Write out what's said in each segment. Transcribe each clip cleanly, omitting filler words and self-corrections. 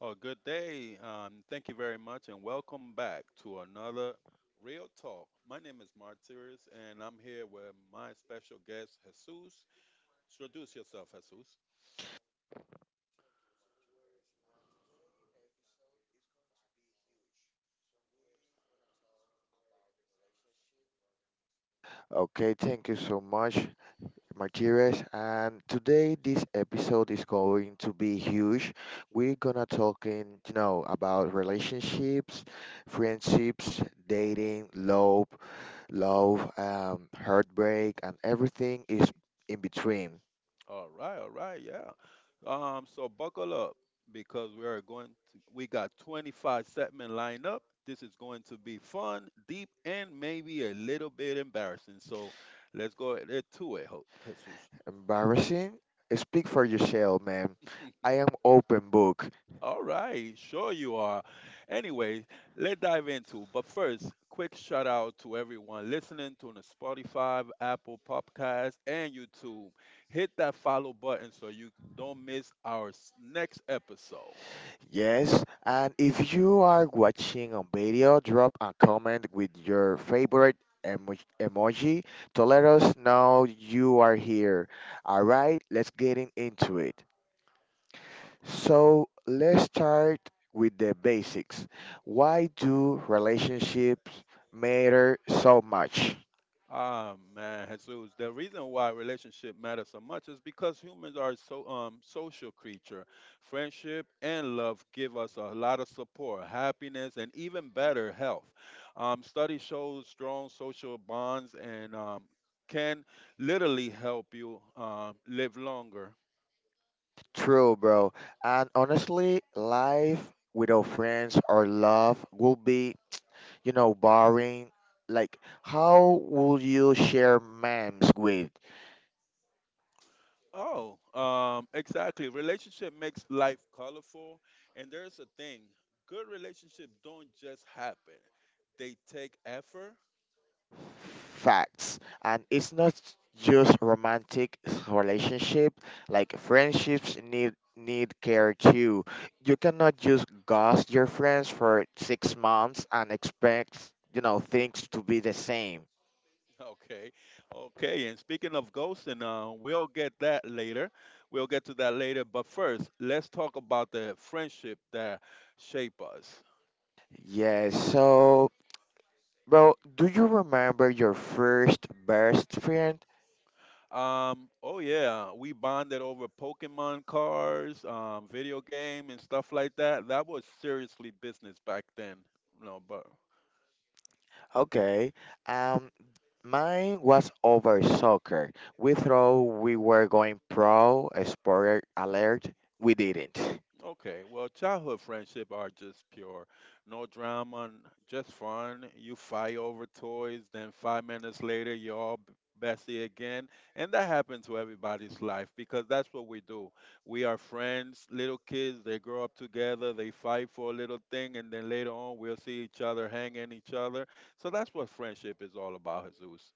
Oh, good day. Thank you very much, and welcome back to another Real Talk. My name is Martires, and I'm here with my special guest, Jesus. Introduce yourself, Jesus. Friendships, dating, love, heartbreak, and everything is in between. All right, yeah. So buckle up because we are going to. We got 25 segment lined up. This is going to be fun, deep, and maybe a little bit embarrassing. So let's go ahead to it, Jesus. All right, sure you are. Anyway, let's dive into. But first, quick shout out to everyone listening to the Spotify, Apple Podcast, and YouTube. Hit that follow button so you don't miss our next episode. Yes, and if you are watching, I do relationships matter so much. Ah man, Jesus. The reason why relationship matters so much is because humans are so social creature. Friendship and love give us a lot of support, happiness, and even better health. Study shows strong social bonds and can literally help you live longer. Oh, exactly. Relationship makes life colorful, and there's a thing. Good relationships don't just happen. They take effort. Wants and expects, you know, things to be the same. Okay, okay. And speaking of ghosts, and we'll get that later. We'll get to that later. But first, let's talk about the friendship that shape us. Yeah. Oh yeah, we bonded over Pokemon cards, video game, and stuff like that. That was seriously business back then. No, but Okay. Um, Mine was over soccer. We thought we were going pro. A spoiler alert: we didn't. okay, well, childhood friendship are just pure. No drama, just fun. You fight over toys, then 5 minutes later, you're all bestie again. And that happened to everybody's life because that's what we do. We are friends, little kids, they grow up together, they fight for a little thing, and then later on, we'll see each other hanging each other. So that's what friendship is all about, Jesus.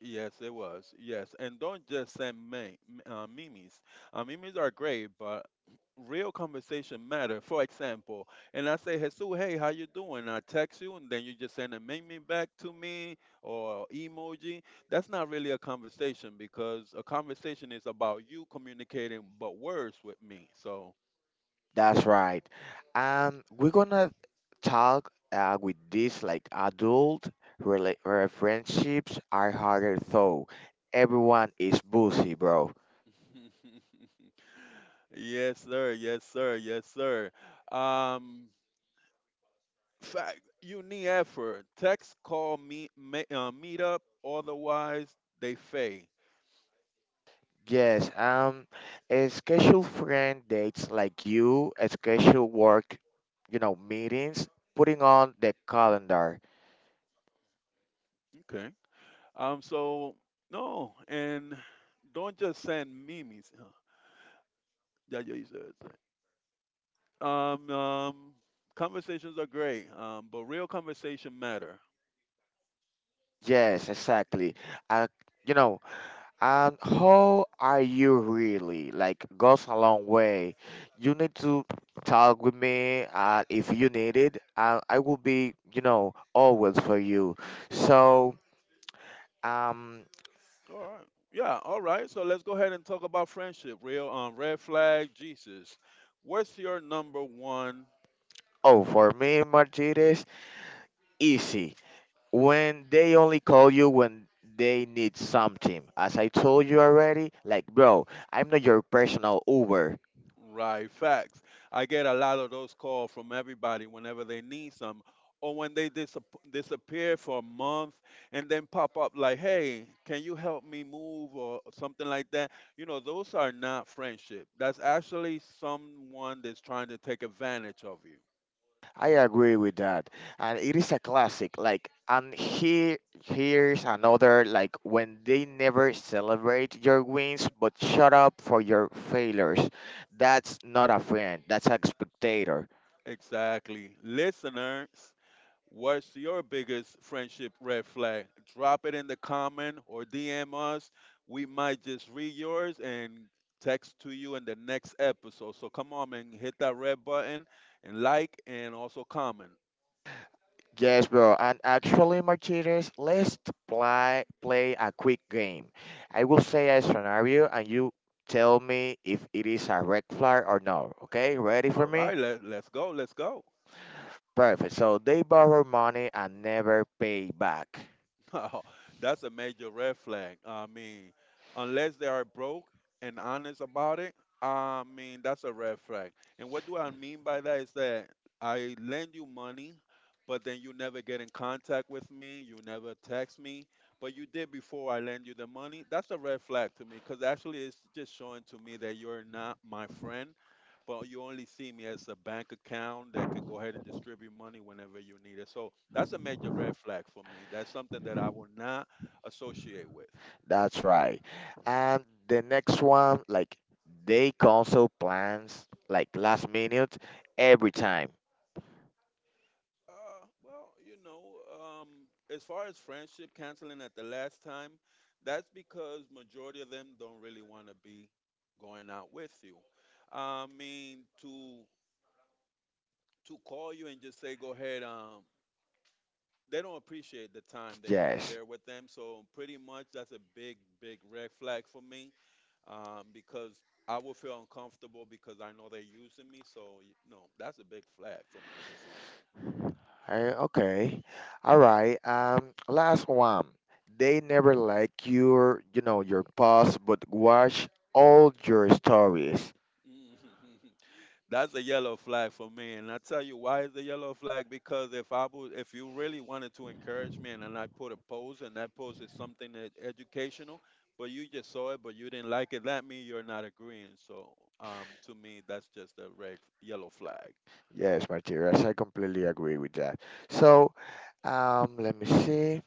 Yes, it was. Yes, and don't just send memes. Memes are great, but real conversation matter. For example, and I say, Jesus, hey, how you doing? I text you, and then you just send a meme back to me or emoji. That's not really a conversation because a conversation is about you communicating, but words with me. So. That's right. And we're gonna talk with this like adult relate. Yes, sir. Yes, sir. Yes, sir. Um, Fact, you need effort. Text, call, meet, meet up. Otherwise, they fade. Yes, a schedule friend dates like you, a schedule work, you know, meetings, putting on the calendar. Okay. So no, and don't just send memes. That's what you said. Um. Um. Conversations are great. But real conversation matter. Yes, exactly. Uh, you know, and how are you really? Like, goes a long way. You need to talk with me if you need it. I will be, you know, always for you. So All right. Yeah. All right. So let's go ahead and talk about friendship. Real. Red flag. Jesus. What's your number one? Right, facts. I get a lot of those calls from everybody whenever they need some, or when they disappear for a month and then pop up like, "Hey, can you help me move?" or something like that. You know, those are not friendship. That's actually someone that's trying to take advantage of you. Exactly, listeners. What's your biggest friendship red flag? Drop it in the comment or DM us. We might just read yours and text to you in the next episode. So come on and hit that red button and like and also comment. Let's play a quick game. I will say a scenario and you tell me if it is a red flag or no. Okay, ready for All me? right, let's go. Let's go. Perfect. So they borrow money and never pay back. No, that's a major red flag. I mean, unless they are broke and honest about it, I mean, that's a red flag. And what do I mean by that is that I lend you money, but then you never get in contact with me, you never text me, but you did before I lend you the money. That's a red flag to me because actually it's just showing to me that you're not my friend but you only see me as a bank account that can go ahead and distribute money whenever you need it. So that's a major red flag for me. That's something that I will not associate with. That's right. And the next one, like they cancel plans like last minute every time. Well, you know, um, as far as friendship canceling at the last time, that's because majority of them don't really want to be going out with you. I mean, to call you and just say go ahead, they don't appreciate the time that you share with them. So pretty much that's a big, big red flag for me. Because I will feel uncomfortable because I know they're using me. So no, that's a big flag for me, Jesus. Mhm. That's a yellow flag for me, and I tell you why it's a yellow flag because if I would, if you really wanted to encourage me, and then I put a post, and that post is something that educational, but you just saw it, but you didn't like it, that means you're not agreeing. So to me, that's just a red yellow flag. Yes, Martires, I completely agree with that. So, let me see.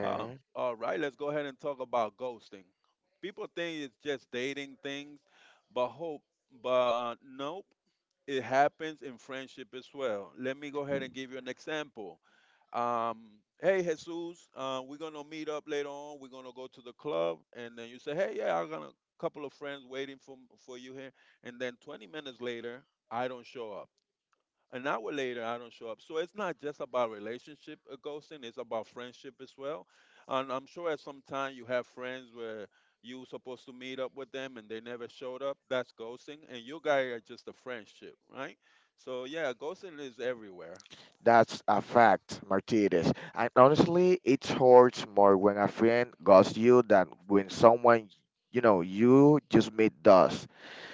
Oh, all right. Let's go ahead and talk about ghosting. People think it's just dating things, but hope, but nope. It happens in friendship as well. Let me go ahead and give you an example. Um, Hey Jesus, we're gonna meet up later on. We're gonna go to the club, and then you say, hey, yeah, I got a couple of friends waiting for you here. And then 20 minutes later, I don't show up. An hour later, I don't show up. So it's not just about relationship ghosting; it's about friendship as well. And I'm sure at some time you have friends where you were supposed to meet up with them and they never showed up. That's ghosting, and you guys are just a friendship, right? So yeah, ghosting is everywhere. that's a fact.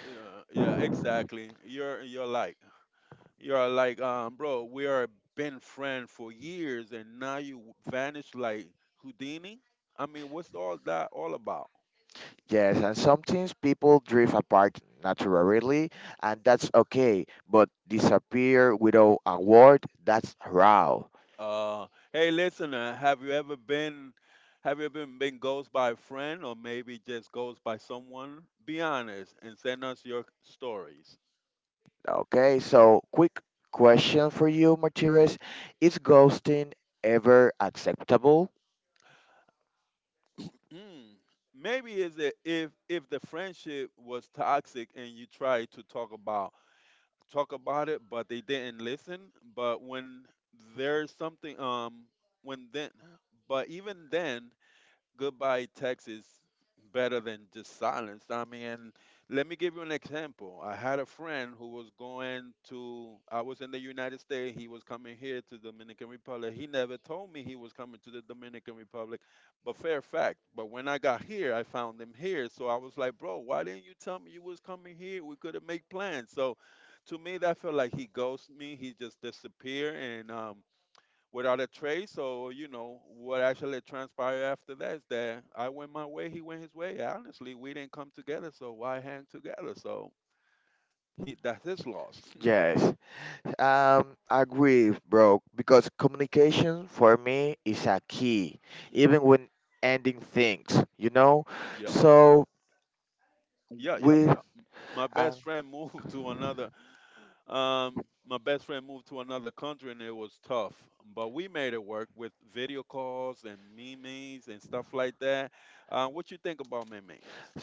Yeah, yeah, exactly. You're like bro. We are been friend for years, and now you vanish like Houdini. I mean, what's all that all about? Yes, and sometimes people drift apart naturally, and that's okay, but disappear without a word, that's raw. Uh, Hey, listener, have you ever been ghosted by a friend or maybe just ghosted by someone? Be honest and send us your stories. Hmm. Maybe is it if the friendship was toxic and you tried to talk about it, but they didn't listen. But when there's something when then, but even then goodbye text is better than just silence. I mean, let me give you an example. I had a friend who was going to, I was in the United States. He was coming here to Dominican Republic. He never told me he was coming to the Dominican Republic, but fair fact. But when I got here, I found him here. So I was like, bro, why didn't you tell me you was coming here? We could have made plans. So to me, that felt like he ghosted me. He just disappeared. And Without a trace. So you know what actually transpired after that is that I went my way, he went his way. Honestly, we didn't come together, so why hang together? So he that's his loss. Action for me is a key, Hmm. even when ending things, you know? Yep. So, Yeah. Yeah. with Yeah. My uh, best friend moved to another. My best friend moved to another country, and it was tough. But we made it work with video calls and memes and stuff like that. What you think about memes?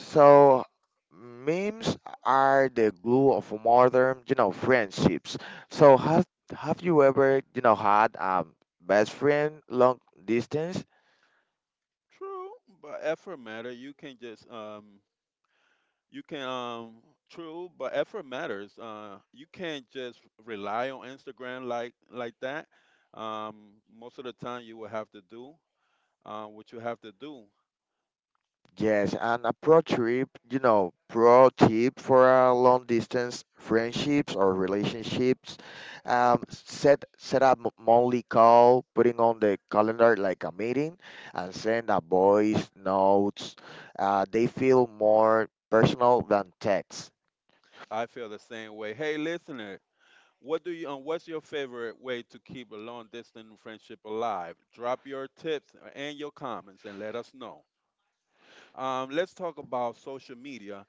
True, but effort matter. You can just You can True, but effort matters. You can't just rely on Instagram like that. Most of the time, you will have to do what you have to do. yes, and a pro trip, you know, pro tip for a long distance friendships or relationships, set up monthly call. I feel the same way. Hey, listener, what do you? What's your favorite way to keep a long distance friendship alive? Drop your tips and your comments and let us know. Let's talk about social media.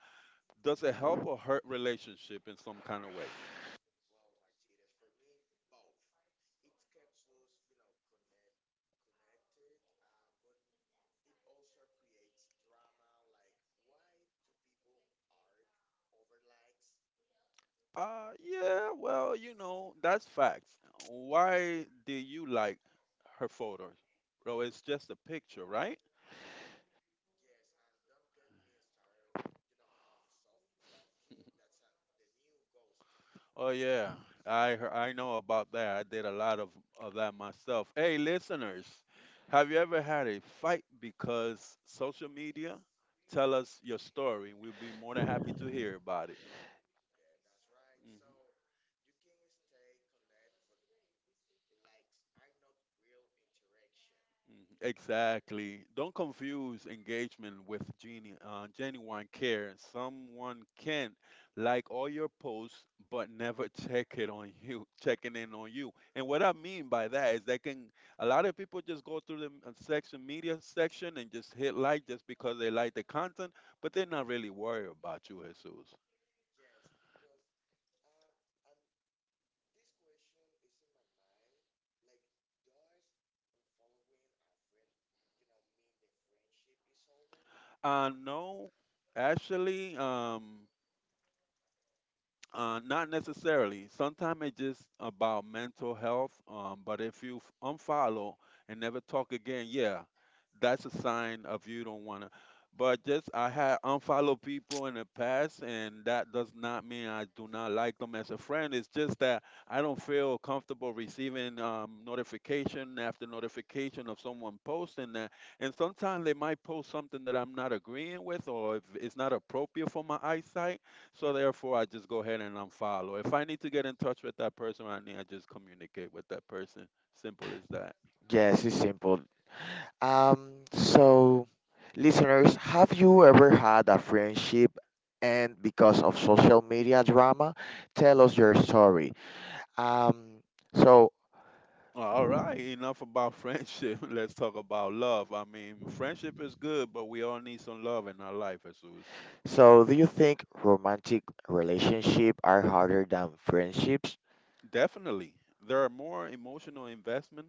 Does it help or hurt relationship in some kind of way? Yeah, well, you know, that's facts. Why do you like her photos? Bro, it's just a picture, right? Oh yeah, I know about that. I did a lot of that myself. Hey, listeners, have you ever had a fight because social media? Tell us your story. We'll be more than happy to hear about it. Mhm. Mhm. Exactly. Don't confuse engagement with genuine care. Someone can like all your posts, but never check it on you, checking in on you. And what I mean by that is that can a lot of people just go through the section media section and just hit like just because they like the content, but they're not really worried about you, Jesus. Uh, no, actually, um, Not necessarily. Sometimes it's just about mental health. But if you unfollow and never talk again, yeah, that's a sign of you don't want to. But just I had unfollowed people in the past, and that does not mean I do not like them as a friend. It's just that I don't feel comfortable receiving notification after notification of someone posting that. And sometimes they might post something that I'm not agreeing with, or if it's not appropriate for my eyesight, so therefore, I just go ahead and unfollow. If I need to get in touch with that person, I just communicate with that person. Simple as that. All right, enough about friendship. Let's talk about love. I mean, friendship is good, but we all need some love in our life, Jesus. So, do you think romantic relationships are harder than friendships? Definitely, there are more emotional investment,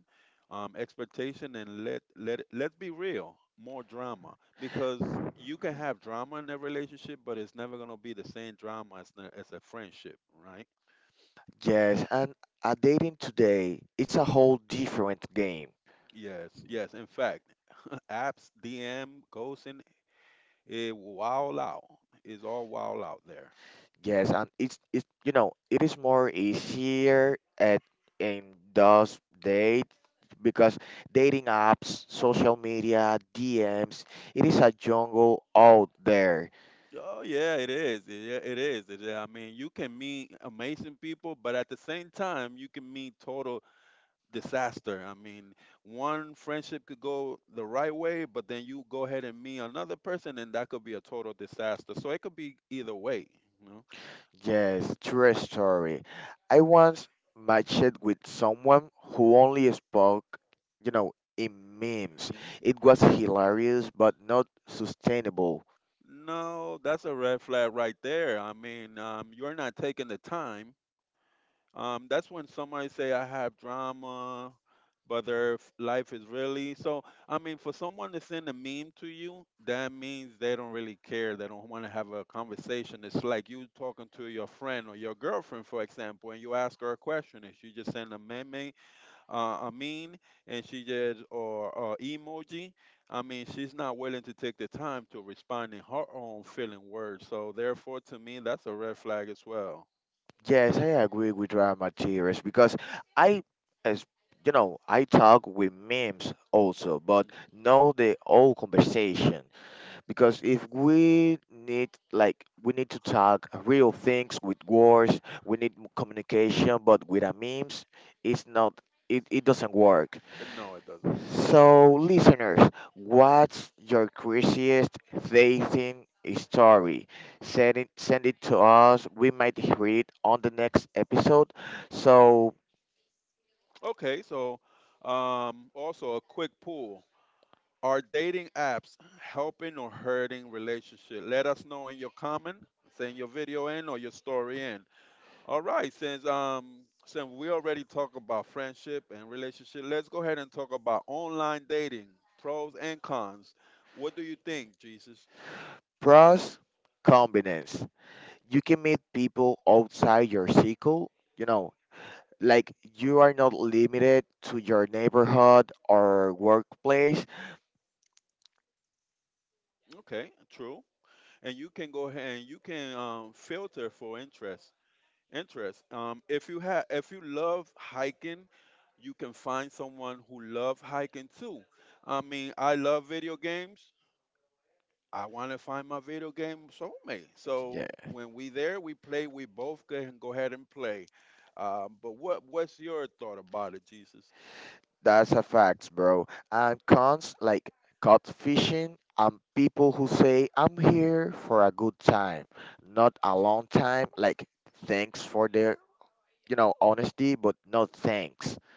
expectation, and let's be real, more drama because you can have drama in a relationship, but it's never gonna be the same drama as a friendship, right? Yes, yes. In fact, apps, DM, ghosting, it wild out. It's all wild out there. Yes, and it's it you know it is more easier at in those dates because Oh yeah, it is. Yeah, it is. It, yeah, I mean, you can meet amazing people, but at the same time, you can meet total disaster. I mean, one friendship could go the right way, but then you go ahead and meet another person, and that could be a total disaster. So it could be either way. You know? yes, true story. I once matched with someone who only spoke Mean, no, that's a red flag right there. I mean, you're not taking the time. That's when somebody say I have drama, but their life is really so. I mean, for someone to send a meme to you, that means they don't really care. They don't want to have a conversation. It's like you talking to your friend or your girlfriend, for example, and you ask her a question, and she just send a meme, uh, a meme, and she just or emoji. I mean, she's not willing to take the time to respond in her own feeling words. So therefore, to me, that's a red flag as well. memes also, but Mhm. know the whole conversation. Because if we need like we need to talk real things with words we need communication but with a memes it's not it doesn't work Mm. No, it doesn't. Okay, so also a quick poll. Are dating apps helping or hurting relationship? Let us know in your comment, send your video in or your story in. All right, since we already talked about friendship and relationship, let's go ahead and talk about online dating, pros and cons. What do you think, Jesus? Okay, true. And you can go ahead and you can filter for interest. Interest. If you have, if you love hiking, you can find someone who love hiking too. I mean, I love video games. I want to find my video game soulmate. So when we there, we play. We both can go ahead and play. But what's your thought about it, Jesus?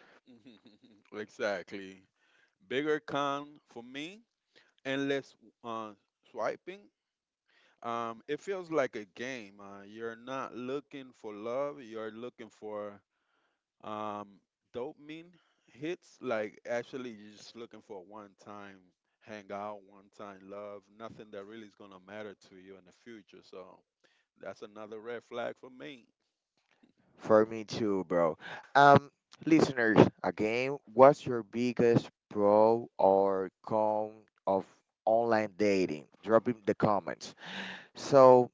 Exactly. Bigger con for me, endless uh, swiping. It feels like a game. You're not looking for love. You're looking for. Um, Dopamine hits, like actually you're just looking for one time hangout, one time love, nothing that really is gonna matter to you in the future. So that's another red flag for me. pro or con of online dating drop in the comments so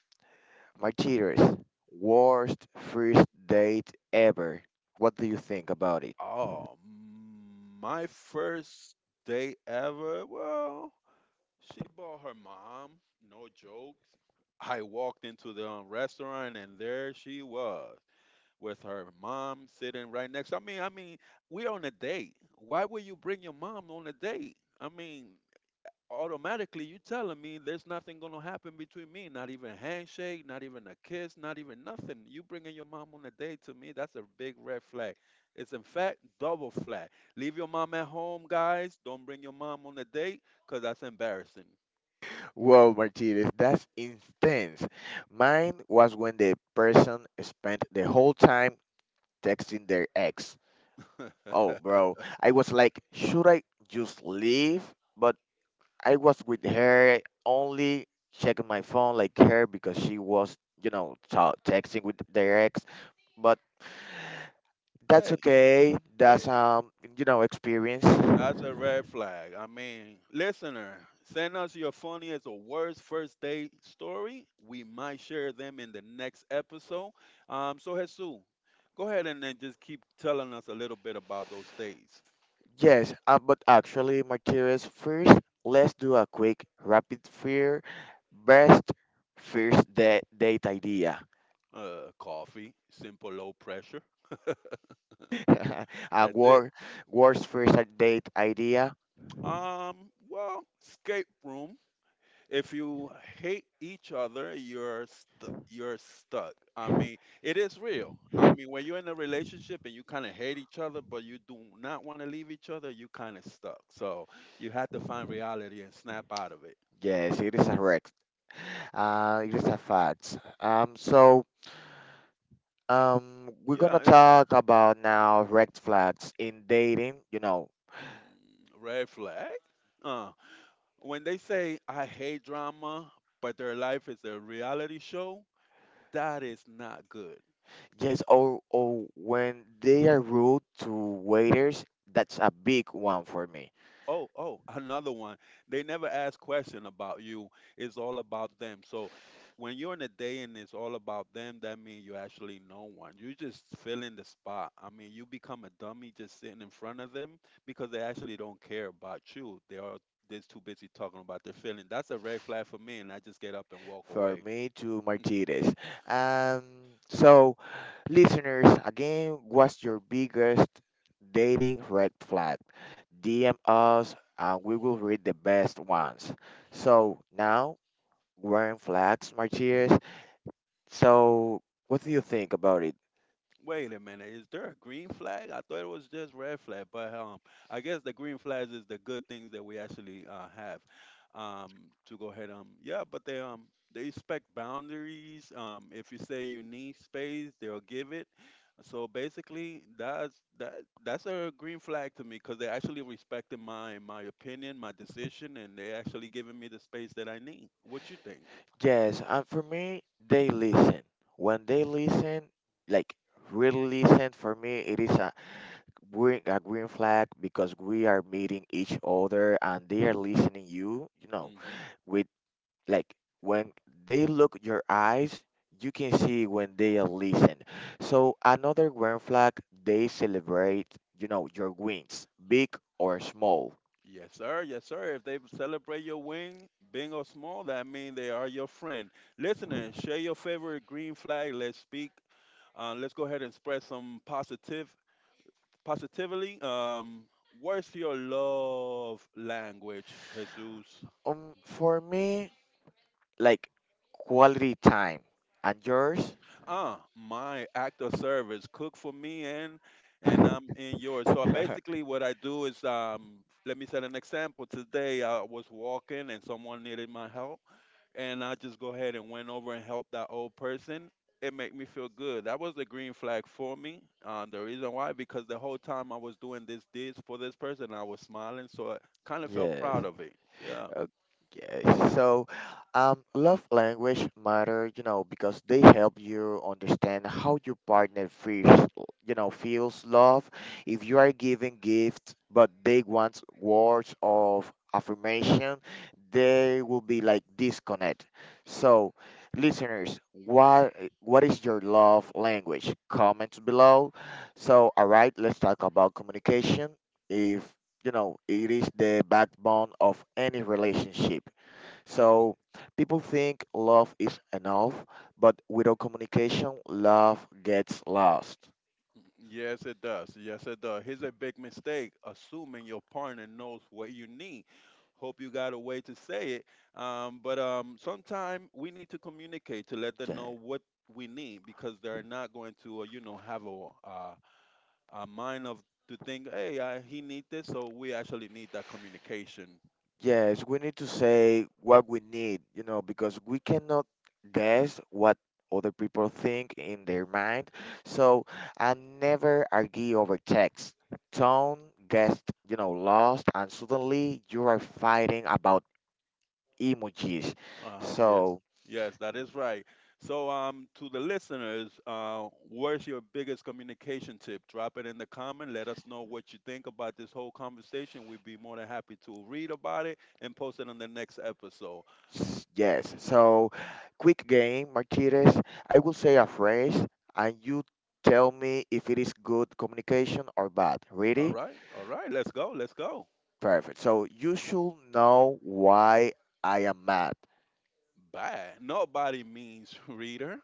my cheaters worst first date ever what do you think about it Oh, mm, my first day ever. Well, she bought her mom. No joke. I walked into the restaurant and there she was, with her mom sitting right next. I mean, we're on a date. Why would you bring your mom on a date? I mean, automatically you telling me there's nothing gonna happen between me. Not even a handshake, not even a kiss, not even nothing. You bringing your mom on a date to me, that's a big red flag. It's in fact double flag. Leave your mom at home, guys. Don't bring your mom on a date, cause that's embarrassing. just leave but I was with her only checking my phone like her because she was, you know, texting with their ex. But that's hey, okay. Hey, That's you know, experience. that's a red flag. I mean, listener, send us your funniest or worst first date story. We might share them in the next episode. So Jesus, go ahead and then just keep telling us a little bit about those dates. Actually, Martires, first let's do a quick rapid fire best first date idea. Coffee, simple, low pressure. And That's it. Worst first date idea. Well, escape room. If you hate each other, you're stuck. I mean, it is real. I mean, when you're in a relationship and you kind of hate each other, but you do not want to leave each other, you kind of stuck. So you have to find reality and snap out of it. Yes, it is a rex. It is a fact. We're Yeah, gonna it, talk about now red flags in dating, you know. mm, red flag. Uh, when they say I hate drama, but their life is a reality show, that is not good. Yes, or when they are rude to waiters, that's a big one for me. Oh, oh, another one. They never ask question about you. It's all about them. So when you're in a day and it's all about them, that means you actually know one. You just fill in the spot. I mean, you become a dummy just sitting in front of them because they actually don't care about you. They are just too busy talking about their feeling. That's a red flag for me, and I just get up and walk away. Wait a minute, is there a green flag? I thought it was just red flag, but I guess the green flags is the good things that we actually have. Um, yeah, but they respect boundaries. If you say you need space, they'll give it. So basically, that's a green flag to me because they actually respecting my opinion, my decision, and they actually giving me the space that I need. What you think? Yes, and for me, they listen. When they listen, like really listen, for me, it is a green flag because we are meeting each other and they are listening you, you know. Mm-hmm. We like when they look your eyes you can see when they are listening so another green flag they celebrate you know your wins big or small. Yes, sir. Yes, sir. If they celebrate your win, big or small, that means they are your friend. Listen and share your favorite green flag. Let's speak. Let's go ahead and spread some positively. What's your love language, Jesus? For me like quality time and yours. Ah, my act of service. Cook for me and I'm in yours. So basically, what I do is, let me set an example. Today, I was walking and someone needed my help, and I just go ahead and went over and helped that old person. It made me feel good. That was the green flag for me. The reason why, because the whole time I was doing this deeds for this person, I was smiling, so I kind of felt proud of it. Yeah. Hmm. Hmm. Yes, it does. Yes, it does. Here's a big mistake: assuming your partner knows what you need. Hope you got a way to say it. But Sometimes we need to communicate to let them Yeah. know what we need because they're not going to, you know, have a mind of to think, hey, I, he need this, so we actually need that communication. Yes, we need to say what we need, you know, because we cannot guess what other people think in their mind. Mhm. So I never argue over text, tone, guessed, you know, lost, and Yes, yes, that is right. So, to the listeners, where's your biggest communication tip? Drop it in the comment. Let us know what you think about this whole conversation. We'd be more than happy to read about it and post it on the next episode. All right, let's go, let's go. surfeit. So you should know why I am mad. Bye. Nobody means reader.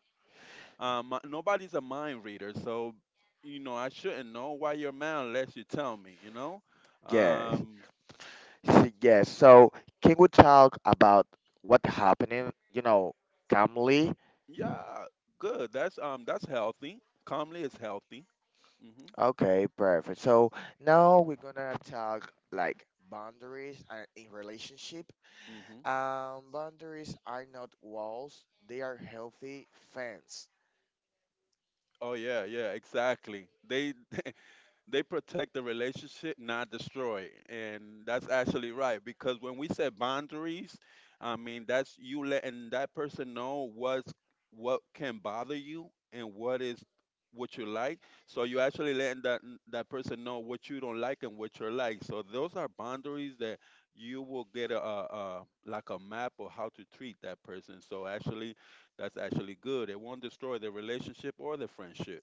Nobody's a mind reader, so you know I shouldn't know why you're mad unless you tell me. You know, Yes. um, yeah, good. That's healthy. Calmly is healthy. Mhm. Mhm. Oh yeah, yeah, exactly. They they protect the relationship, not destroy it. And that's actually right because when we say boundaries, I mean that's you letting that person know what can bother you and what is what you like. So you actually letting that person know what you don't like and what you like. So those are boundaries that you will get a like a map of how to treat that person. So actually, that's actually good. It won't destroy the relationship or the friendship.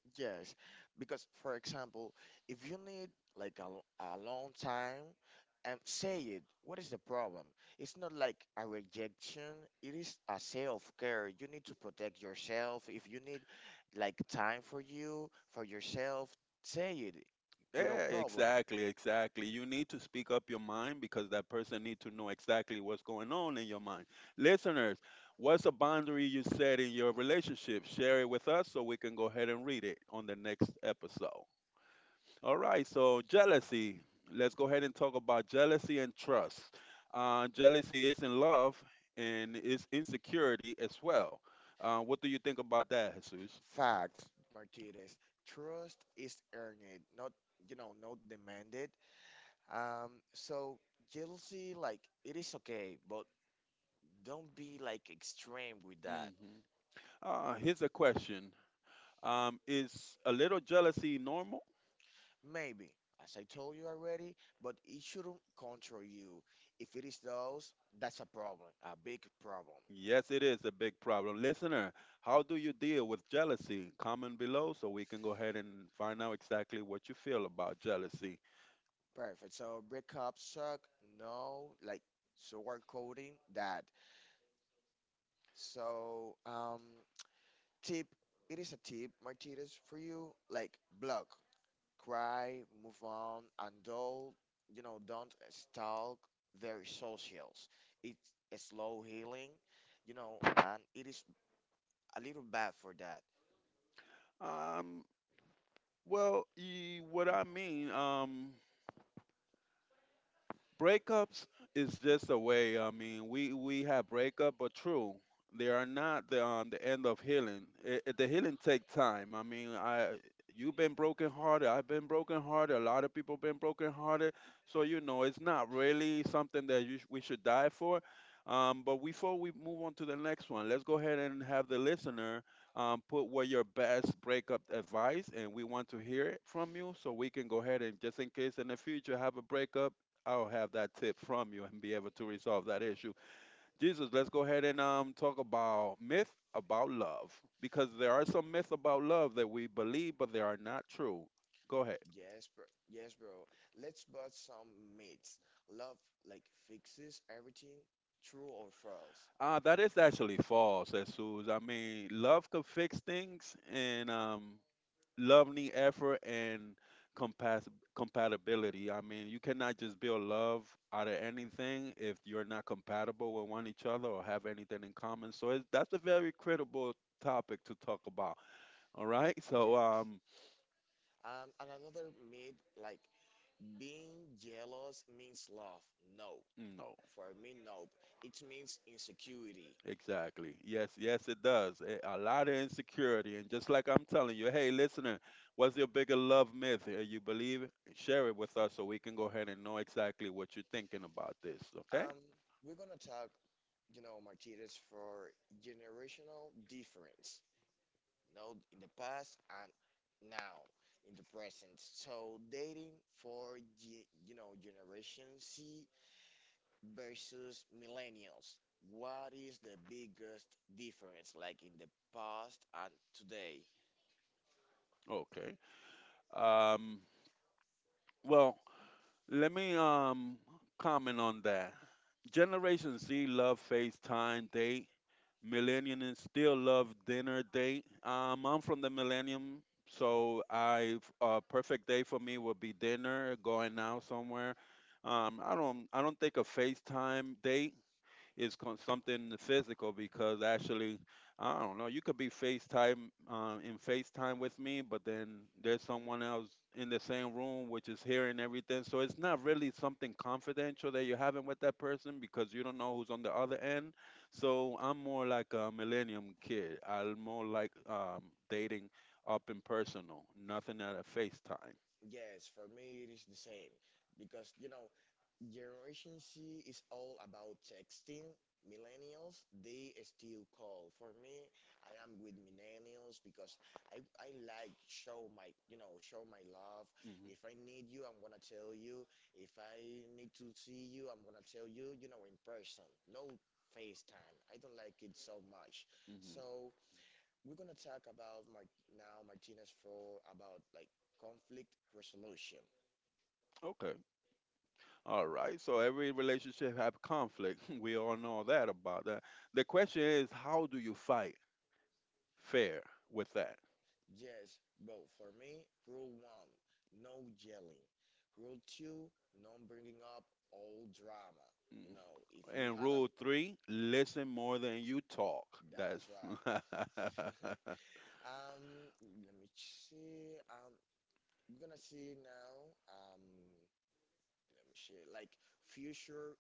Need Yeah, exactly, exactly. You need to speak up your mind because that person need to know exactly what's going on in your mind. Listeners, what's a boundary you set in your relationship? Share it with us so we can go ahead and read it on the next episode. All right, so jealousy. Let's go ahead and talk about jealousy and trust. Jealousy isn't love and it's insecurity as well. What do you think about that, Jesus? Facts, Martinez. Trust is earned, not, you know, not demanded. Um, so Hmm. Here's a question. Is a little jealousy normal? Yes, it is a big problem. Listener, how do you deal with jealousy? Comment below so we can go ahead and find out exactly what you feel about jealousy. no, like, so we're coding that. So, tip, it is a tip, Martinez, for you. Like, block, cry, move on, and don't, you know, don't stop. Um, Well, what I mean, breakups is just a way. I mean, we have breakup, but true, they are not the the end of healing. The healing take time. I mean, I you've been broken hearted. I've been broken hearted. A lot of people been broken hearted. So you know, it's not really something that we should die for. But before we move on to the next one, let's go ahead and have the listener put what your best breakup advice, and we want to hear it from you, so we can go ahead and just in case in the future have a breakup, I'll have that tip from you and be able to resolve that issue. Jesus, let's go ahead and talk about myth about love because there are some myths about love that we believe, but they are not true. Go ahead. That is actually false, Jesus. I mean, love could fix things, and loving effort and compas- compatibility. I mean, you cannot just build love out of anything if you're not compatible with one each other or have anything in common. So that's a very critical topic to talk about. All right. Yes. And another myth, like, being jealous means love. No, exactly. Yes, yes, it does. A lot of insecurity, and just like I'm telling you, hey, listener, what's your bigger love myth? You believe? It? Share it with us so we can go ahead and know exactly what you're thinking about this. Okay. Okay. Um, Well, let me comment on that. Generation Z love FaceTime date. Millennials still love dinner date. I'm from the millennium, so I a perfect day for me would be dinner, going out somewhere. I don't think a FaceTime date is something physical because actually, I don't know, you could be FaceTime in FaceTime with me, but then there's someone else in the same room which is hearing everything. So it's not really something confidential that you're having with that person because you don't know who's on the other end. So I'm more like a millennium kid. I'm more like dating up and personal, nothing at a FaceTime. She is all about texting. Millennials, they still call. For me, I am with millennials because I like show my you know show my love. If I need you, I'm gonna tell you. If I need to see you, I'm gonna tell you. You know, in person, no FaceTime. I don't like it so much. Hmm, hmm. So we're gonna talk about my now Martinez for about like conflict resolution. Okay. All right. So every relationship have conflict. We all know that about that. The question is, how do you fight fair with that? Mm. And rule three, listen more than you talk. That's uh,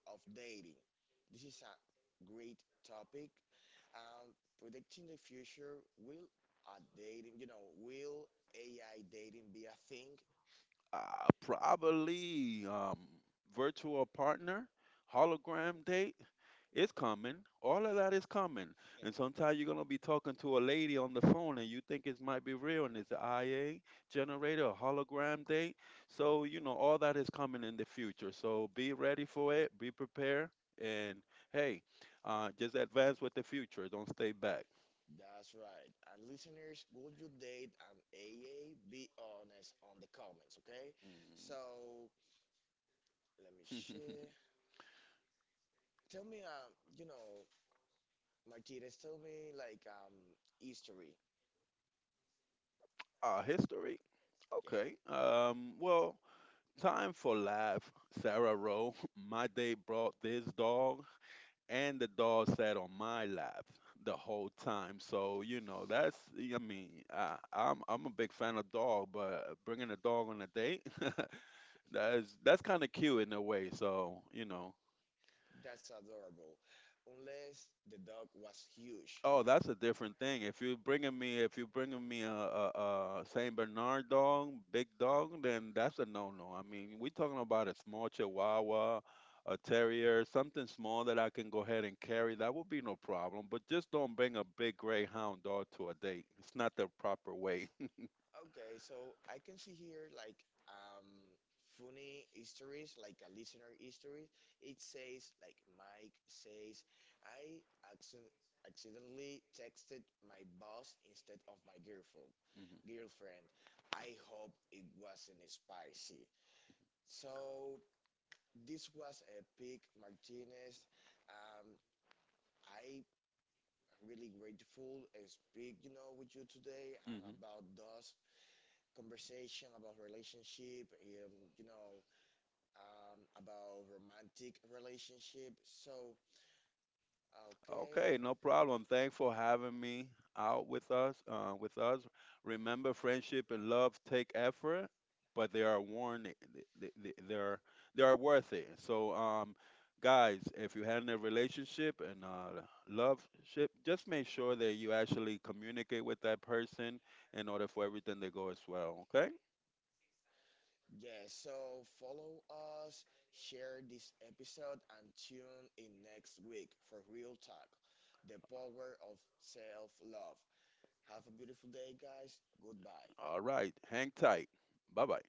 Of dating. This is a great topic. Um, predicting the future will a dating, you know, will AI dating be a thing? probably virtual partner, hologram date, it's coming. All of that is coming. And sometimes you're gonna be talking to a lady on the phone and you think it might be real and it's an IA generator, a hologram date. So, you know, all that is coming in the future. So be ready for it, be prepared, and hey, just advance with the future. Don't stay back. Mm. History? Okay. Well, time for laugh. Sarah Rowe, my day brought this dog, and the dog sat on my lap the whole time. So you know, that's I mean, I'm a big fan of dog, but bringing a dog on a date, that's kind of cute in a way. So you know, oh, that's a different thing. If you bringing me a Saint Bernard dog, big dog, then that's a no-no. I mean, we talking about a small Chihuahua, a terrier, something small that I can go ahead and carry. That would be no problem. But just don't bring a big greyhound dog to a date. It's not the proper way. Okay, so I can see here like um funny histories, like a listener history. It says like Mike says, I accident accidentally texted my boss instead of my girlfriend. Girlfriend, I hope it wasn't spicy. So this was epic. Hmm, hmm. Okay, no problem. Thanks for having me out with us. Remember, friendship and love take effort, but they are worn. Eh, They, they, they are they are worth it. So, guys, if you had a relationship and love ship, just make sure that you actually communicate with that person in order for everything to go as well. Okay. Yeah, so follow us, share this episode, and tune in next week for Real Talk, the power of self love. Have a beautiful day, guys. Goodbye. All right. Hang tight. Bye bye.